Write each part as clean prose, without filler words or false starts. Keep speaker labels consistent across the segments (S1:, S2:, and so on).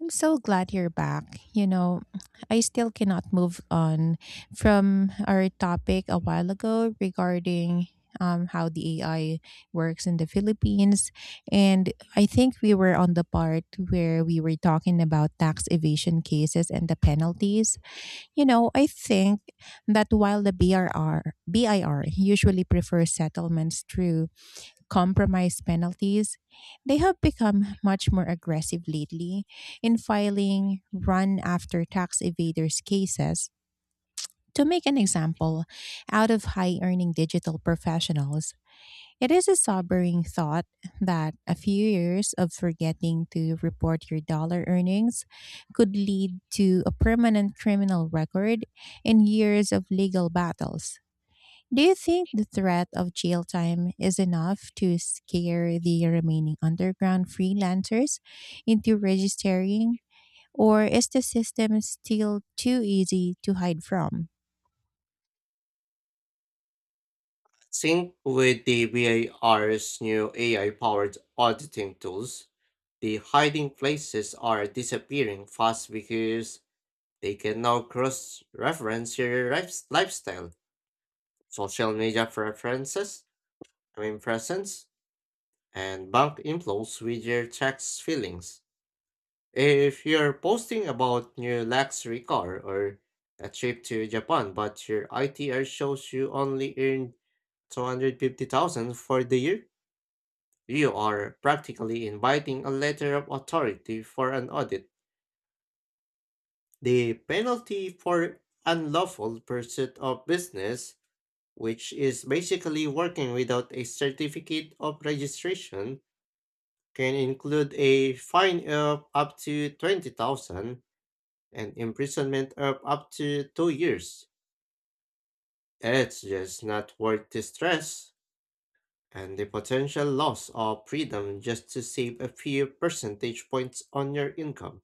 S1: I'm so glad you're back. I still cannot move on from our topic a while ago regarding how the AI works in the Philippines. And I think we were on the part where we were talking about tax evasion cases and the penalties. I think that while the BIR usually prefers settlements through compromise penalties, they have become much more aggressive lately in filing run after tax evaders cases to make an example out of high earning digital professionals. It is a sobering thought that a few years of forgetting to report your dollar earnings could lead to a permanent criminal record and years of legal battles. Do you think the threat of jail time is enough to scare the remaining underground freelancers into registering, or is the system still too easy to hide from?
S2: Sync with the VAR's new AI powered auditing tools. The hiding places are disappearing fast because they can now cross reference your lifestyle, social media preferences, I mean presence, and bank inflows with your tax filings. If you're posting about new luxury car or a trip to Japan, but your ITR shows you only earned 250,000 for the year, you are practically inviting a letter of authority for an audit. The penalty for unlawful pursuit of business, which is basically working without a certificate of registration, can include a fine of up to 20,000 and imprisonment of up to 2 years. It's just not worth the stress and the potential loss of freedom just to save a few percentage points on your income.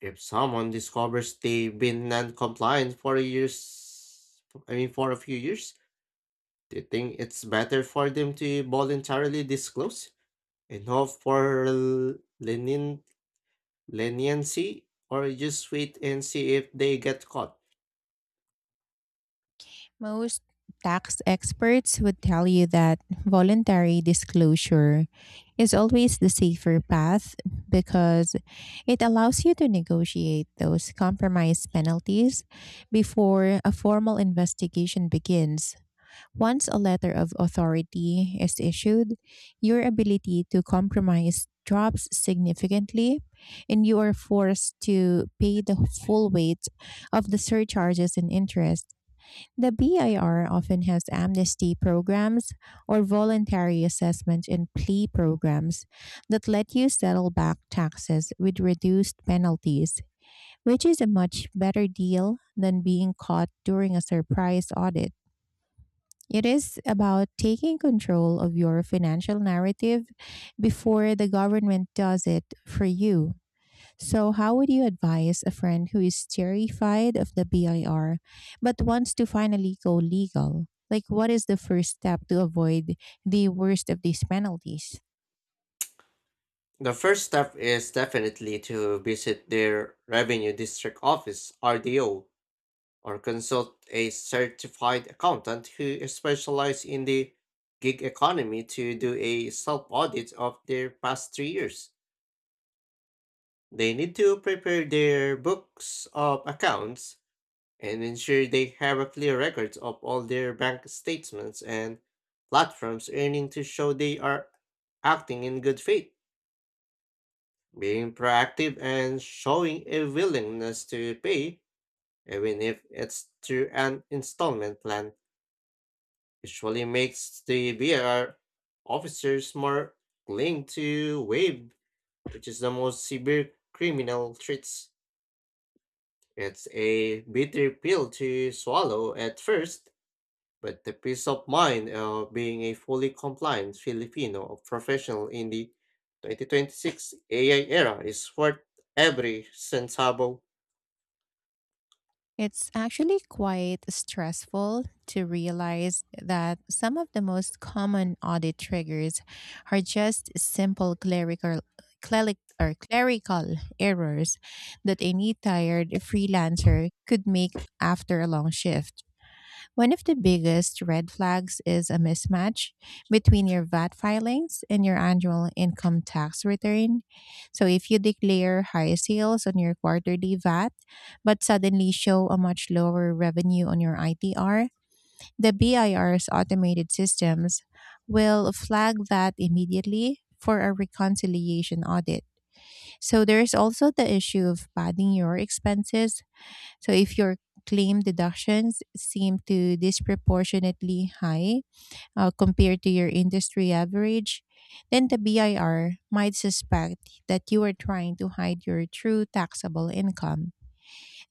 S2: If someone discovers they've been non-compliant for a years, I mean for a few years, they think it's better for them to voluntarily disclose and hope for lenient, leniency or just wait and see if they get caught.
S1: Most tax experts would tell you that voluntary disclosure is always the safer path because it allows you to negotiate those compromise penalties before a formal investigation begins. Once a letter of authority is issued, your ability to compromise drops significantly, and you are forced to pay the full weight of the surcharges and interest. The BIR often has amnesty programs or voluntary assessment and plea programs that let you settle back taxes with reduced penalties, which is a much better deal than being caught during a surprise audit. It is about taking control of your financial narrative before the government does it for you. So, how would you advise a friend who is terrified of the BIR but wants to finally go legal? Like, what is the first step to avoid the worst of these penalties?
S2: The first step is definitely to visit their Revenue District Office, RDO, or consult a certified accountant who specializes in the gig economy to do a self audit of their past 3 years. They need to prepare their books of accounts and ensure they have a clear record of all their bank statements and platforms earning to show they are acting in good faith. Being proactive and showing a willingness to pay, even if it's through an installment plan, usually makes the BR officers more willing to waive, which is the most severe criminal treats. It's a bitter pill to swallow at first, but the peace of mind of being a fully compliant Filipino professional in the 2026 AI era is worth every centavo.
S1: It's actually quite stressful to realize that some of the most common audit triggers are just simple clerical, cleric, or clerical errors that any tired freelancer could make after a long shift. One of the biggest red flags is a mismatch between your VAT filings and your annual income tax return. So, if you declare high sales on your quarterly VAT, but suddenly show a much lower revenue on your ITR, the BIR's automated systems will flag that immediately for a reconciliation audit. So, there is also the issue of padding your expenses. So if your claim deductions seem to disproportionately high compared to your industry average, then the BIR might suspect that you are trying to hide your true taxable income.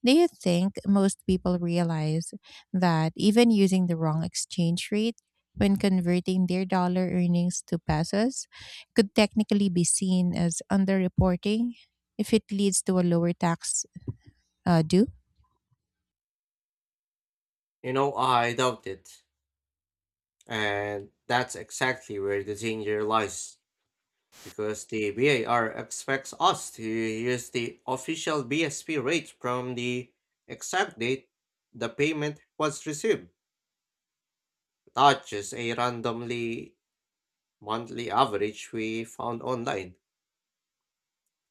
S1: Do you think most people realize that even using the wrong exchange rate when converting their dollar earnings to pesos could technically be seen as underreporting if it leads to a lower tax due?
S2: I doubt it. And that's exactly where the danger lies, because the VAR expects us to use the official BSP rate from the exact date the payment was received, not just a randomly monthly average we found online.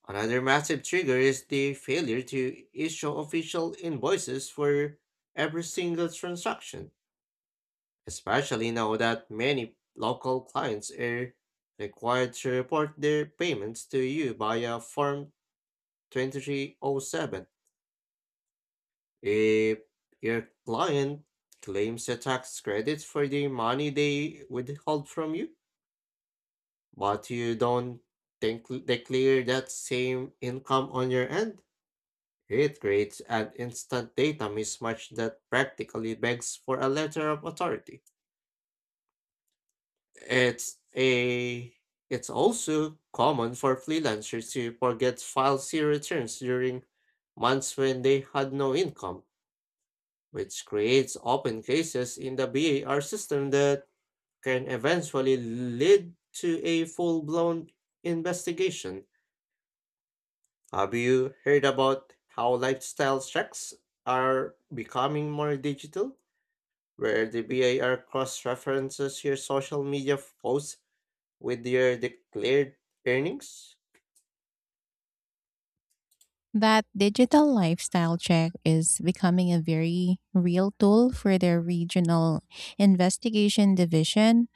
S2: Another massive trigger is the failure to issue official invoices for every single transaction, especially now that many local clients are required to report their payments to you via Form 2307. If your client claims a tax credit for the money they withhold from you, but you don't declare that same income on your end, it creates an instant data mismatch that practically begs for a letter of authority. It's a it's also common for freelancers to forget file C returns during months when they had no income, which creates open cases in the BAR system that can eventually lead to a full-blown investigation. Have you heard about how lifestyle checks are becoming more digital, where the BAR cross-references your social media posts with your declared earnings?
S1: That digital lifestyle check is becoming a very real tool for the regional investigation division,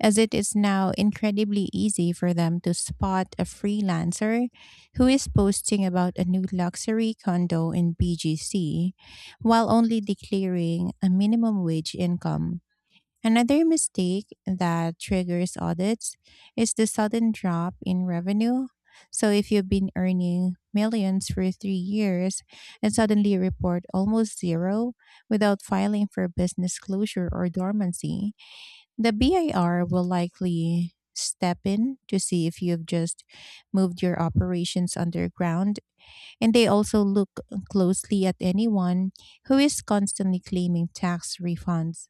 S1: as it is now incredibly easy for them to spot a freelancer who is posting about a new luxury condo in BGC while only declaring a minimum wage income. Another mistake that triggers audits is the sudden drop in revenue. So, if you've been earning millions for 3 years and suddenly report almost zero without filing for business closure or dormancy, the BIR will likely step in to see if you've just moved your operations underground. And they also look closely at anyone who is constantly claiming tax refunds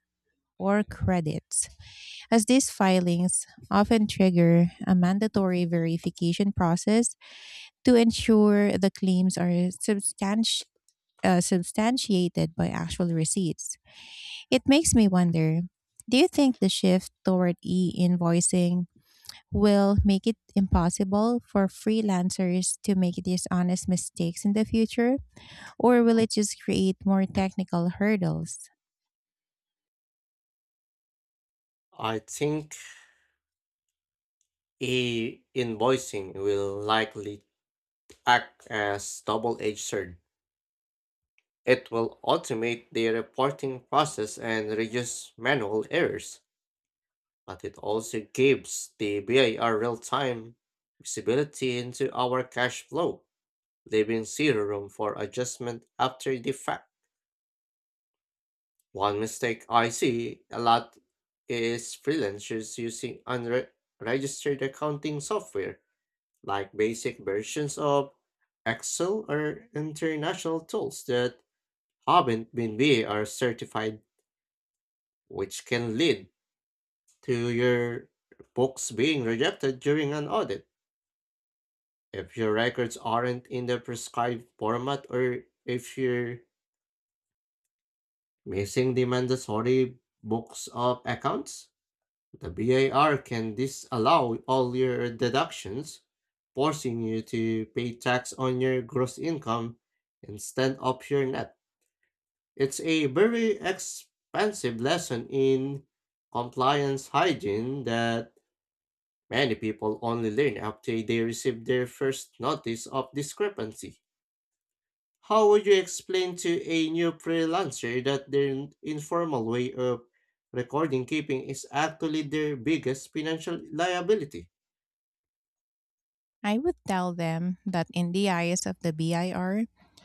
S1: or credits, as these filings often trigger a mandatory verification process to ensure the claims are substantiated by actual receipts. It makes me wonder, do you think the shift toward e invoicing will make it impossible for freelancers to make dishonest mistakes in the future, or will it just create more technical hurdles?
S2: I think e-invoicing will likely act as double-edged sword. It will automate the reporting process and reduce manual errors, but it also gives the BIR real-time visibility into our cash flow, leaving zero room for adjustment after the fact. One mistake I see a lot is freelancers using unregistered accounting software, like basic versions of Excel or international tools that haven't been VAR certified, which can lead to your books being rejected during an audit. If your records aren't in the prescribed format or if you're missing the mandatory books of accounts, the BAR can disallow all your deductions, forcing you to pay tax on your gross income instead of your net. It's a very expensive lesson in compliance hygiene that many people only learn after they receive their first notice of discrepancy. How would you explain to a new freelancer that their informal way of recording keeping is actually their biggest financial liability?
S1: I would tell them that in the eyes of the BIR,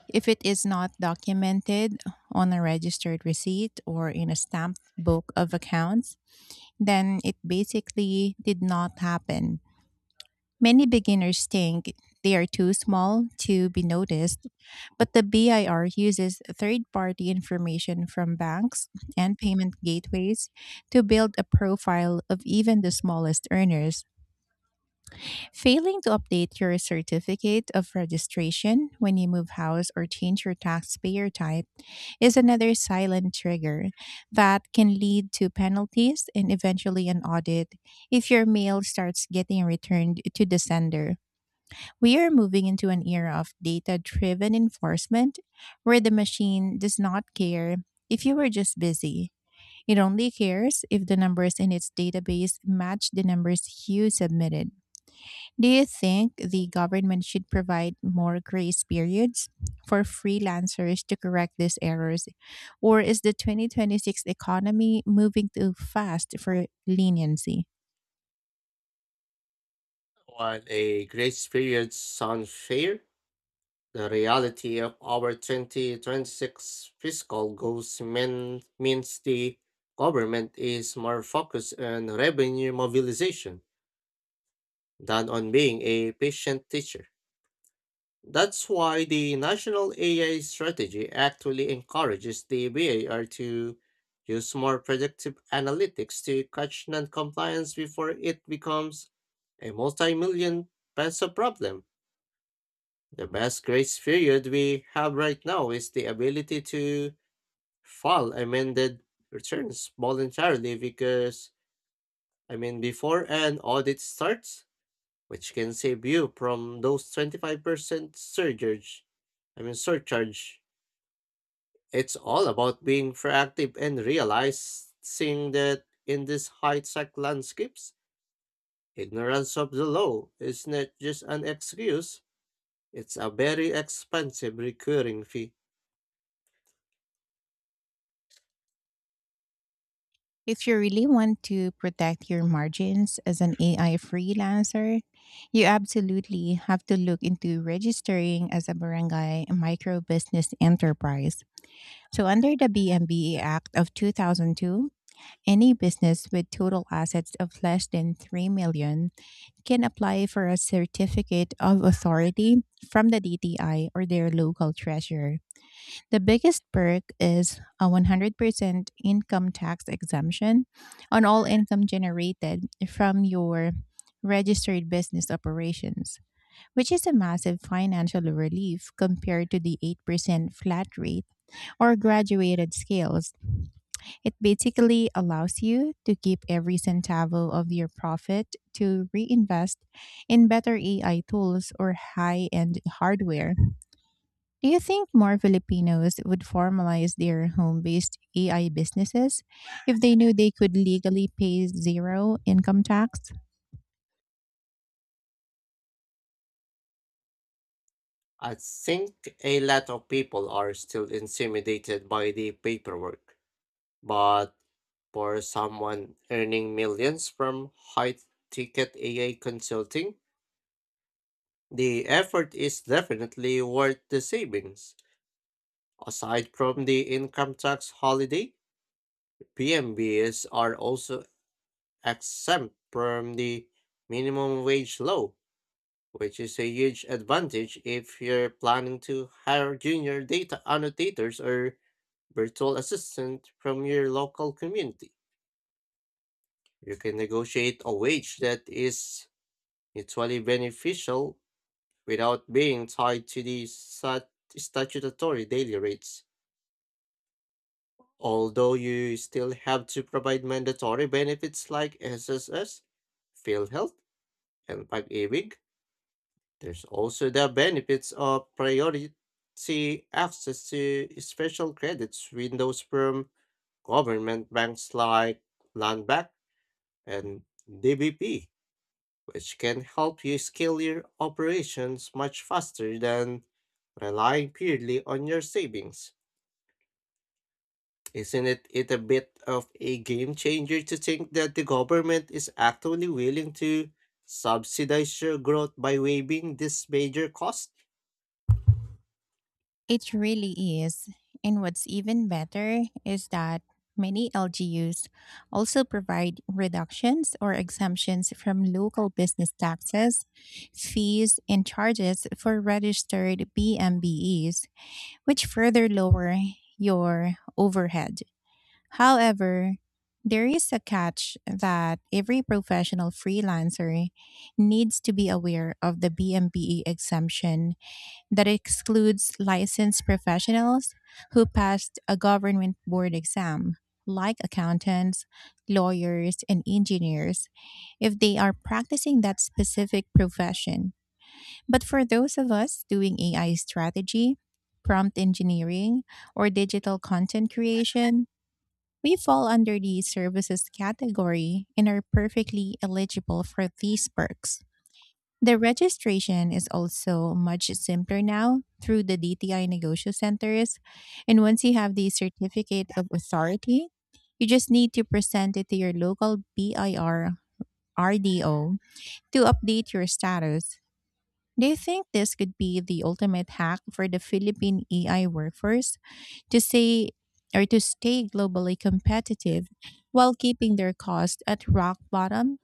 S1: if it is not documented on a registered receipt or in a stamped book of accounts, then it basically did not happen. Many beginners think they are too small to be noticed, but the BIR uses third party information from banks and payment gateways to build a profile of even the smallest earners. Failing to update your certificate of registration when you move house or change your taxpayer type is another silent trigger that can lead to penalties and eventually an audit if your mail starts getting returned to the sender. We are moving into an era of data driven enforcement where the machine does not care if you were just busy. It only cares if the numbers in its database match the numbers you submitted. Do you think the government should provide more grace periods for freelancers to correct these errors? Or is the 2026 economy moving too fast for leniency?
S2: While a great experience sounds fair, the reality of our 2026 fiscal goals means the government is more focused on revenue mobilization than on being a patient teacher. That's why the National AI Strategy actually encourages the BAR to use more predictive analytics to catch non-compliance before it becomes a multi-million peso problem. The best grace period we have right now is the ability to file amended returns voluntarily, because I mean before an audit starts, which can save you from those 25% surcharge. I mean surcharge. It's all about being proactive and realizing that in these high tech landscapes, ignorance of the law is not just an excuse, it's a very expensive recurring fee.
S1: If you really want to protect your margins as an AI freelancer, you absolutely have to look into registering as a barangay micro business enterprise. So, under the BMBE Act of 2002, any business with total assets of less than 3 million can apply for a certificate of authority from the DTI or their local treasurer. The biggest perk is a 100% income tax exemption on all income generated from your registered business operations, which is a massive financial relief compared to the 8% flat rate or graduated scales. It basically allows you to keep every centavo of your profit to reinvest in better AI tools or high end hardware. Do you think more Filipinos would formalize their home based AI businesses if they knew they could legally pay zero income tax?
S2: I think a lot of people are still intimidated by the paperwork, but for someone earning millions from high ticket AI consulting, the effort is definitely worth the savings. Aside from the income tax holiday, PMBs are also exempt from the minimum wage law, which is a huge advantage if you're planning to hire junior data annotators or virtual assistant from your local community. You can negotiate a wage that is mutually beneficial without being tied to the statutory daily rates. Although you still have to provide mandatory benefits like SSS, PhilHealth, and pag-ibig, there's also the benefits of priority access to special credits windows from government banks like Land Bank and DBP, which can help you scale your operations much faster than relying purely on your savings. Isn't it a bit of a game changer to think that the government is actually willing to subsidize your growth by waiving this major cost?
S1: It really is. And what's even better is that many LGUs also provide reductions or exemptions from local business taxes, fees, and charges for registered BMBEs, which further lower your overhead. However, there is a catch that every professional freelancer needs to be aware of: the BMBE exemption that excludes licensed professionals who passed a government board exam, like accountants, lawyers, and engineers, if they are practicing that specific profession. But for those of us doing AI strategy, prompt engineering, or digital content creation, we fall under the services category and are perfectly eligible for these perks. The registration is also much simpler now through the DTI Negosyo Centers. And once you have the certificate of authority, you just need to present it to your local BIR RDO to update your status. Do you think this could be the ultimate hack for the Philippine EI workforce to say or to stay globally competitive while keeping their cost at rock bottom?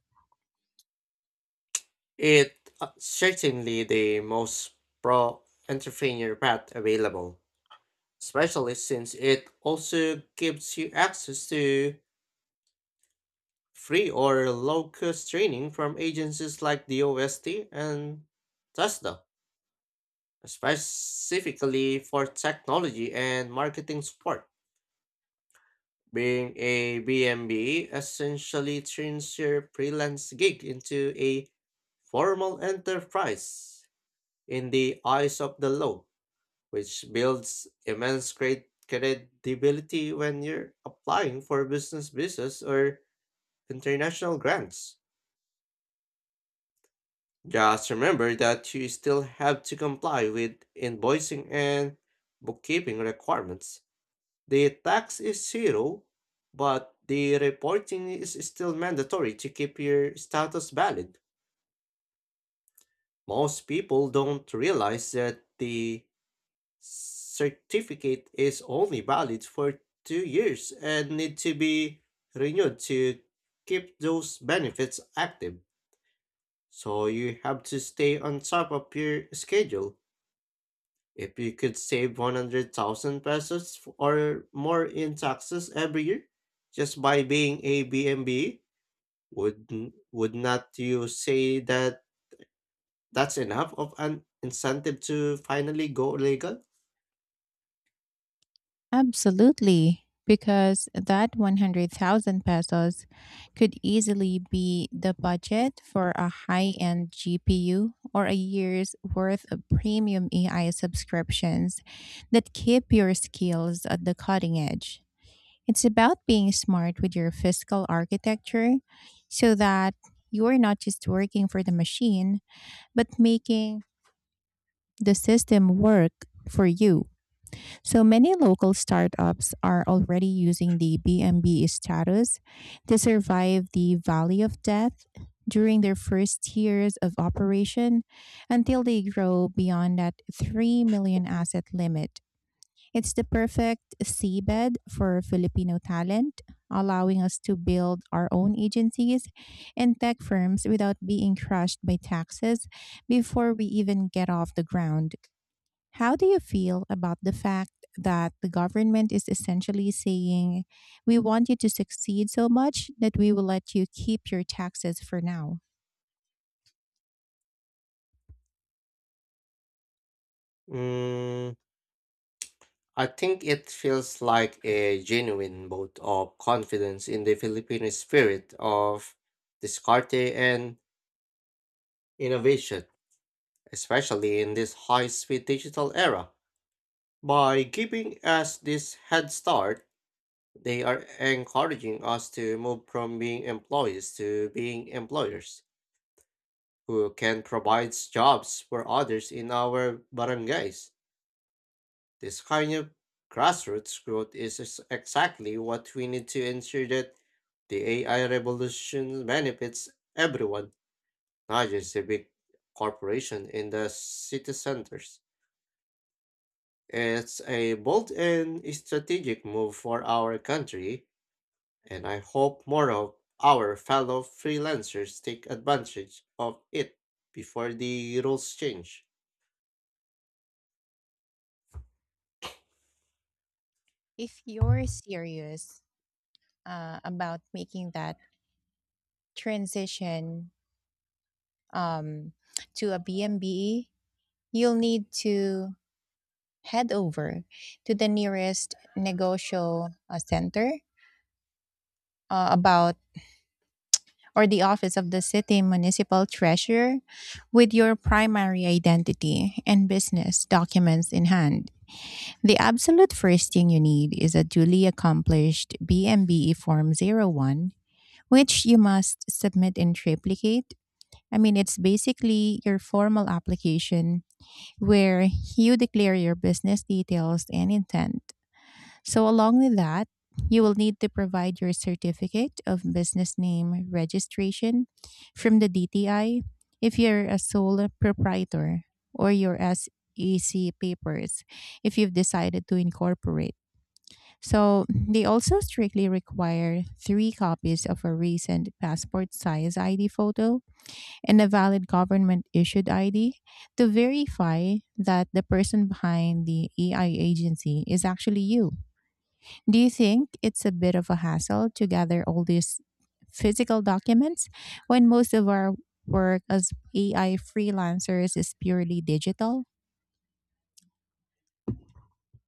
S2: It certainly the most pro entrepreneur path available, especially since it also gives you access to free or low cost training from agencies like the OST and Tesla, specifically for technology and marketing support. Being a BMB essentially turns your freelance gig into a formal enterprise in the eyes of the law, which builds immense credibility when you're applying for business visas or international grants. Just remember that you still have to comply with invoicing and bookkeeping requirements. The tax is zero, but the reporting is still mandatory to keep your status valid. Most people don't realize that the certificate is only valid for 2 years and need to be renewed to keep those benefits active. So you have to stay on top of your schedule. If you could save 100,000 pesos or more in taxes every year just by being a BMB, would not you say that that's enough of an incentive to finally go legal?
S1: Absolutely, because that 100,000 pesos could easily be the budget for a high-end GPU or a year's worth of premium AI subscriptions that keep your skills at the cutting edge. It's about being smart with your fiscal architecture so that you're not just working for the machine, but making the system work for you. So many local startups are already using the BMB status to survive the valley of death during their first years of operation until they grow beyond that 3 million asset limit. It's the perfect seabed for Filipino talent, allowing us to build our own agencies and tech firms without being crushed by taxes before we even get off the ground. How do you feel about the fact that the government is essentially saying, "We want you to succeed so much that we will let you keep your taxes for now"?
S2: Mm, I think it feels like a genuine vote of confidence in the Filipino spirit of Descarte and innovation, especially in this high-speed digital era. By giving us this head start, they are encouraging us to move from being employees to being employers who can provide jobs for others in our barangays. This kind of grassroots growth is exactly what we need to ensure that the AI revolution benefits everyone, not just the big corporation in the city centers. It's a bold and strategic move for our country, and I hope more of our fellow freelancers take advantage of it before the rules change.
S1: If you're serious about making that transition um, to a BMBE, you'll need to head over to the nearest negotiable center, about or the office of the city municipal treasurer with your primary identity and business documents in hand. The absolute first thing you need is a duly accomplished BMBE Form 01, which you must submit in triplicate. I mean, it's basically your formal application where you declare your business details and intent. So, along with that, you will need to provide your certificate of business name registration from the DTI if you're a sole proprietor, or your SEC papers if you've decided to incorporate. So, they also strictly require three copies of a recent passport size ID photo and a valid government issued ID to verify that the person behind the EI agency is actually you. Do you think it's a bit of a hassle to gather all these physical documents when most of our work as AI freelancers is purely digital?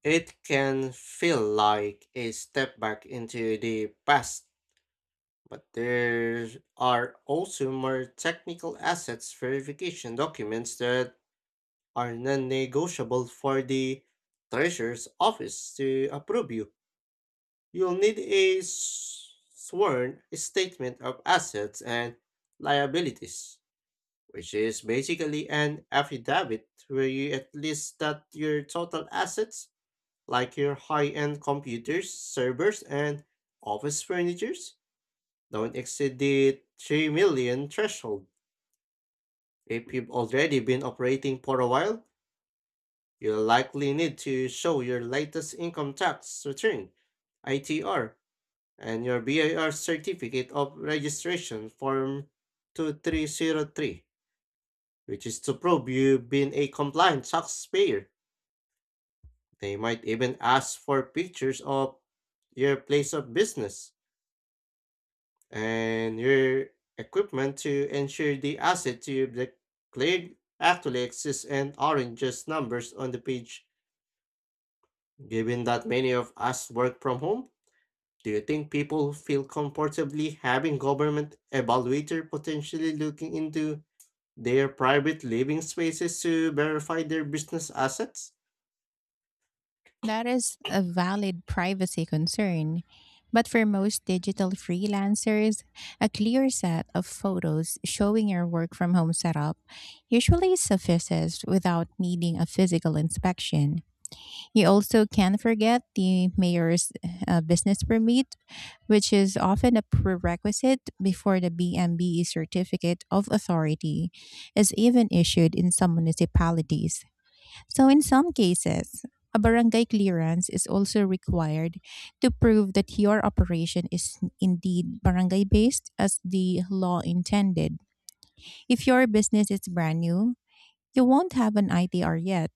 S2: It can feel like a step back into the past, but there are also more technical assets verification documents that are non negotiable for the Treasurer's office to approve you. You'll need a sworn statement of assets and liabilities, which is basically an affidavit where you at least that your total assets, like your high end computers, servers, and office furnitures, don't exceed the 3 million threshold. If you've already been operating for a while, you'll likely need to show your latest income tax return, ITR, and your BIR certificate of registration form 2303, which is to probe you've been a compliant taxpayer. They might even ask for pictures of your place of business and your equipment to ensure the asset you've declared actually exists and aren't just numbers on the page. Given that many of us work from home, do you think people feel comfortably having government evaluator potentially looking into their private living spaces to verify their business assets?
S1: That is a valid privacy concern. But for most digital freelancers, a clear set of photos showing your work from home setup usually suffices without needing a physical inspection. You also can't forget the mayor's business permit, which is often a prerequisite before the BMBE certificate of authority is even issued in some municipalities. So, in some cases, a barangay clearance is also required to prove that your operation is indeed barangay based as the law intended. If your business is brand new, you won't have an ITR yet.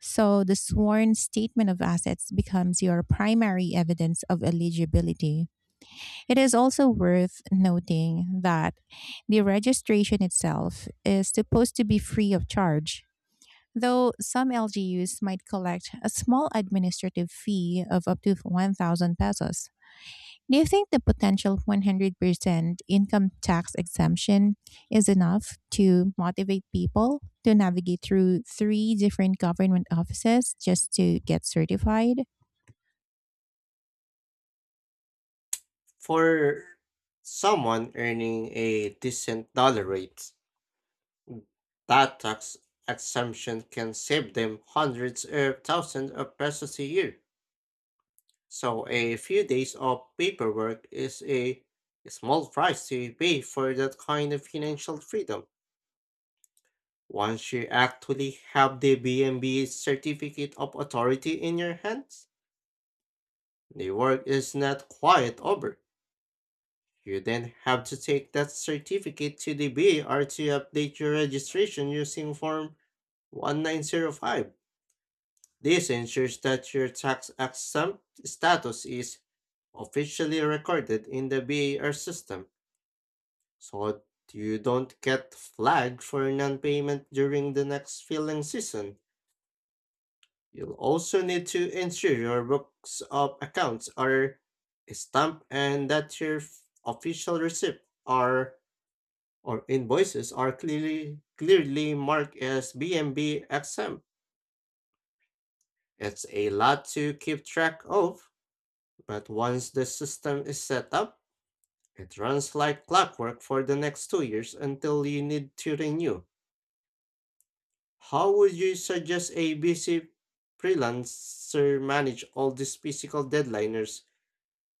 S1: So, the sworn statement of assets becomes your primary evidence of eligibility. It is also worth noting that the registration itself is supposed to be free of charge, though some LGUs might collect a small administrative fee of up to 1,000 pesos. Do you think the potential 100% income tax exemption is enough to motivate people to navigate through three different government offices just to get certified?
S2: For someone earning a decent dollar rate, that tax exemption can save them hundreds of thousands of pesos a year. So a few days of paperwork is a small price to pay for that kind of financial freedom. Once you actually have the BNB certificate of authority in your hands, the work is not quite over. You then have to take that certificate to the BR to update your registration using Form 1905. This ensures that your tax exempt status is officially recorded in the BAR system, so you don't get flagged for non payment during the next filing season. You'll also need to ensure your books of accounts are stamped and that your official receipts are or invoices are clearly marked as BMB exempt. It's a lot to keep track of, but once the system is set up, it runs like clockwork for the next 2 years until you need to renew. How would you suggest a busy freelancer manage all these physical deadliners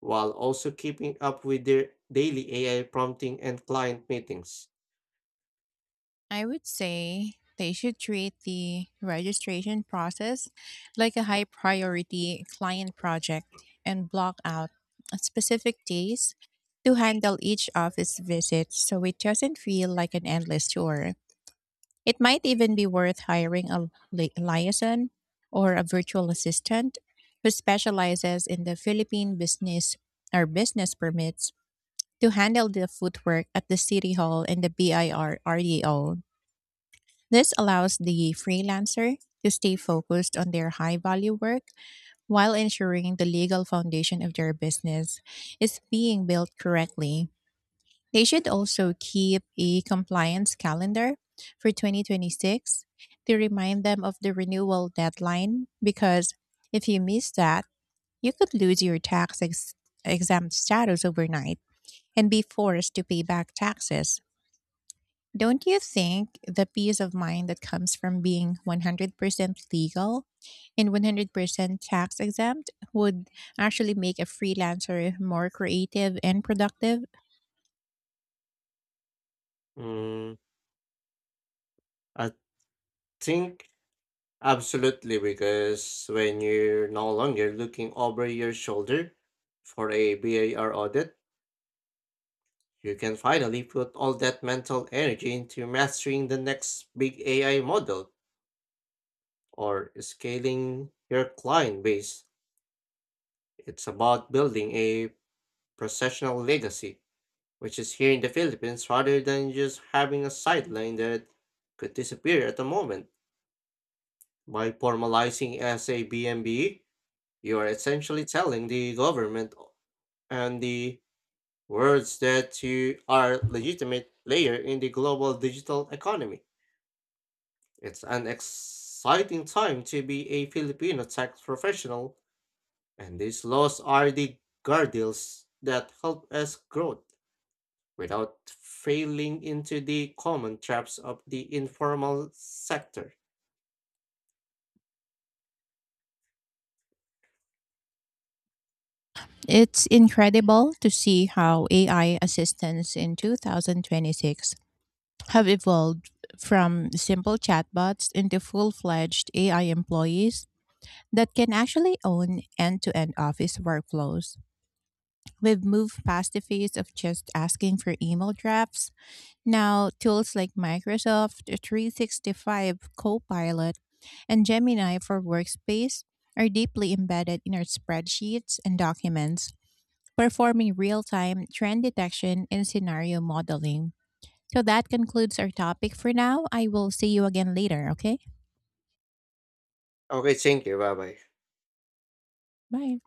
S2: while also keeping up with their daily AI prompting and client meetings?
S1: I would say they should treat the registration process like a high priority client project and block out specific days to handle each office visit so it doesn't feel like an endless tour. It might even be worth hiring a liaison or a virtual assistant who specializes in the Philippine business or business permits to handle the footwork at the City Hall and the BIR. This allows the freelancer to stay focused on their high value work while ensuring the legal foundation of their business is being built correctly. They should also keep a compliance calendar for 2026 to remind them of the renewal deadline, because if you miss that, you could lose your tax exempt status overnight and be forced to pay back taxes. Don't you think the peace of mind that comes from being 100% legal and 100% tax exempt would actually make a freelancer more creative and productive?
S2: Mm, I think, absolutely, because when you're no longer looking over your shoulder for a VAR audit, you can finally put all that mental energy into mastering the next big AI model or scaling your client base. It's about building a professional legacy, which is here in the Philippines rather than just having a sideline that could disappear at the moment. By formalizing as a BMB, you are essentially telling the government and the words that you are legitimate player in the global digital economy. It's an exciting time to be a Filipino tech professional, and these laws are the guardrails that help us grow without falling into the common traps of the informal sector.
S1: It's incredible to see how AI assistants in 2026 have evolved from simple chatbots into full fledged AI employees that can actually own end to end office workflows. We've moved past the phase of just asking for email drafts. Now, tools like Microsoft 365 Copilot and Gemini for Workspace are deeply embedded in our spreadsheets and documents, performing real time trend detection and scenario modeling. So that concludes our topic for now. I will see you again later, okay?
S2: Okay, thank you. Bye bye.
S1: Bye.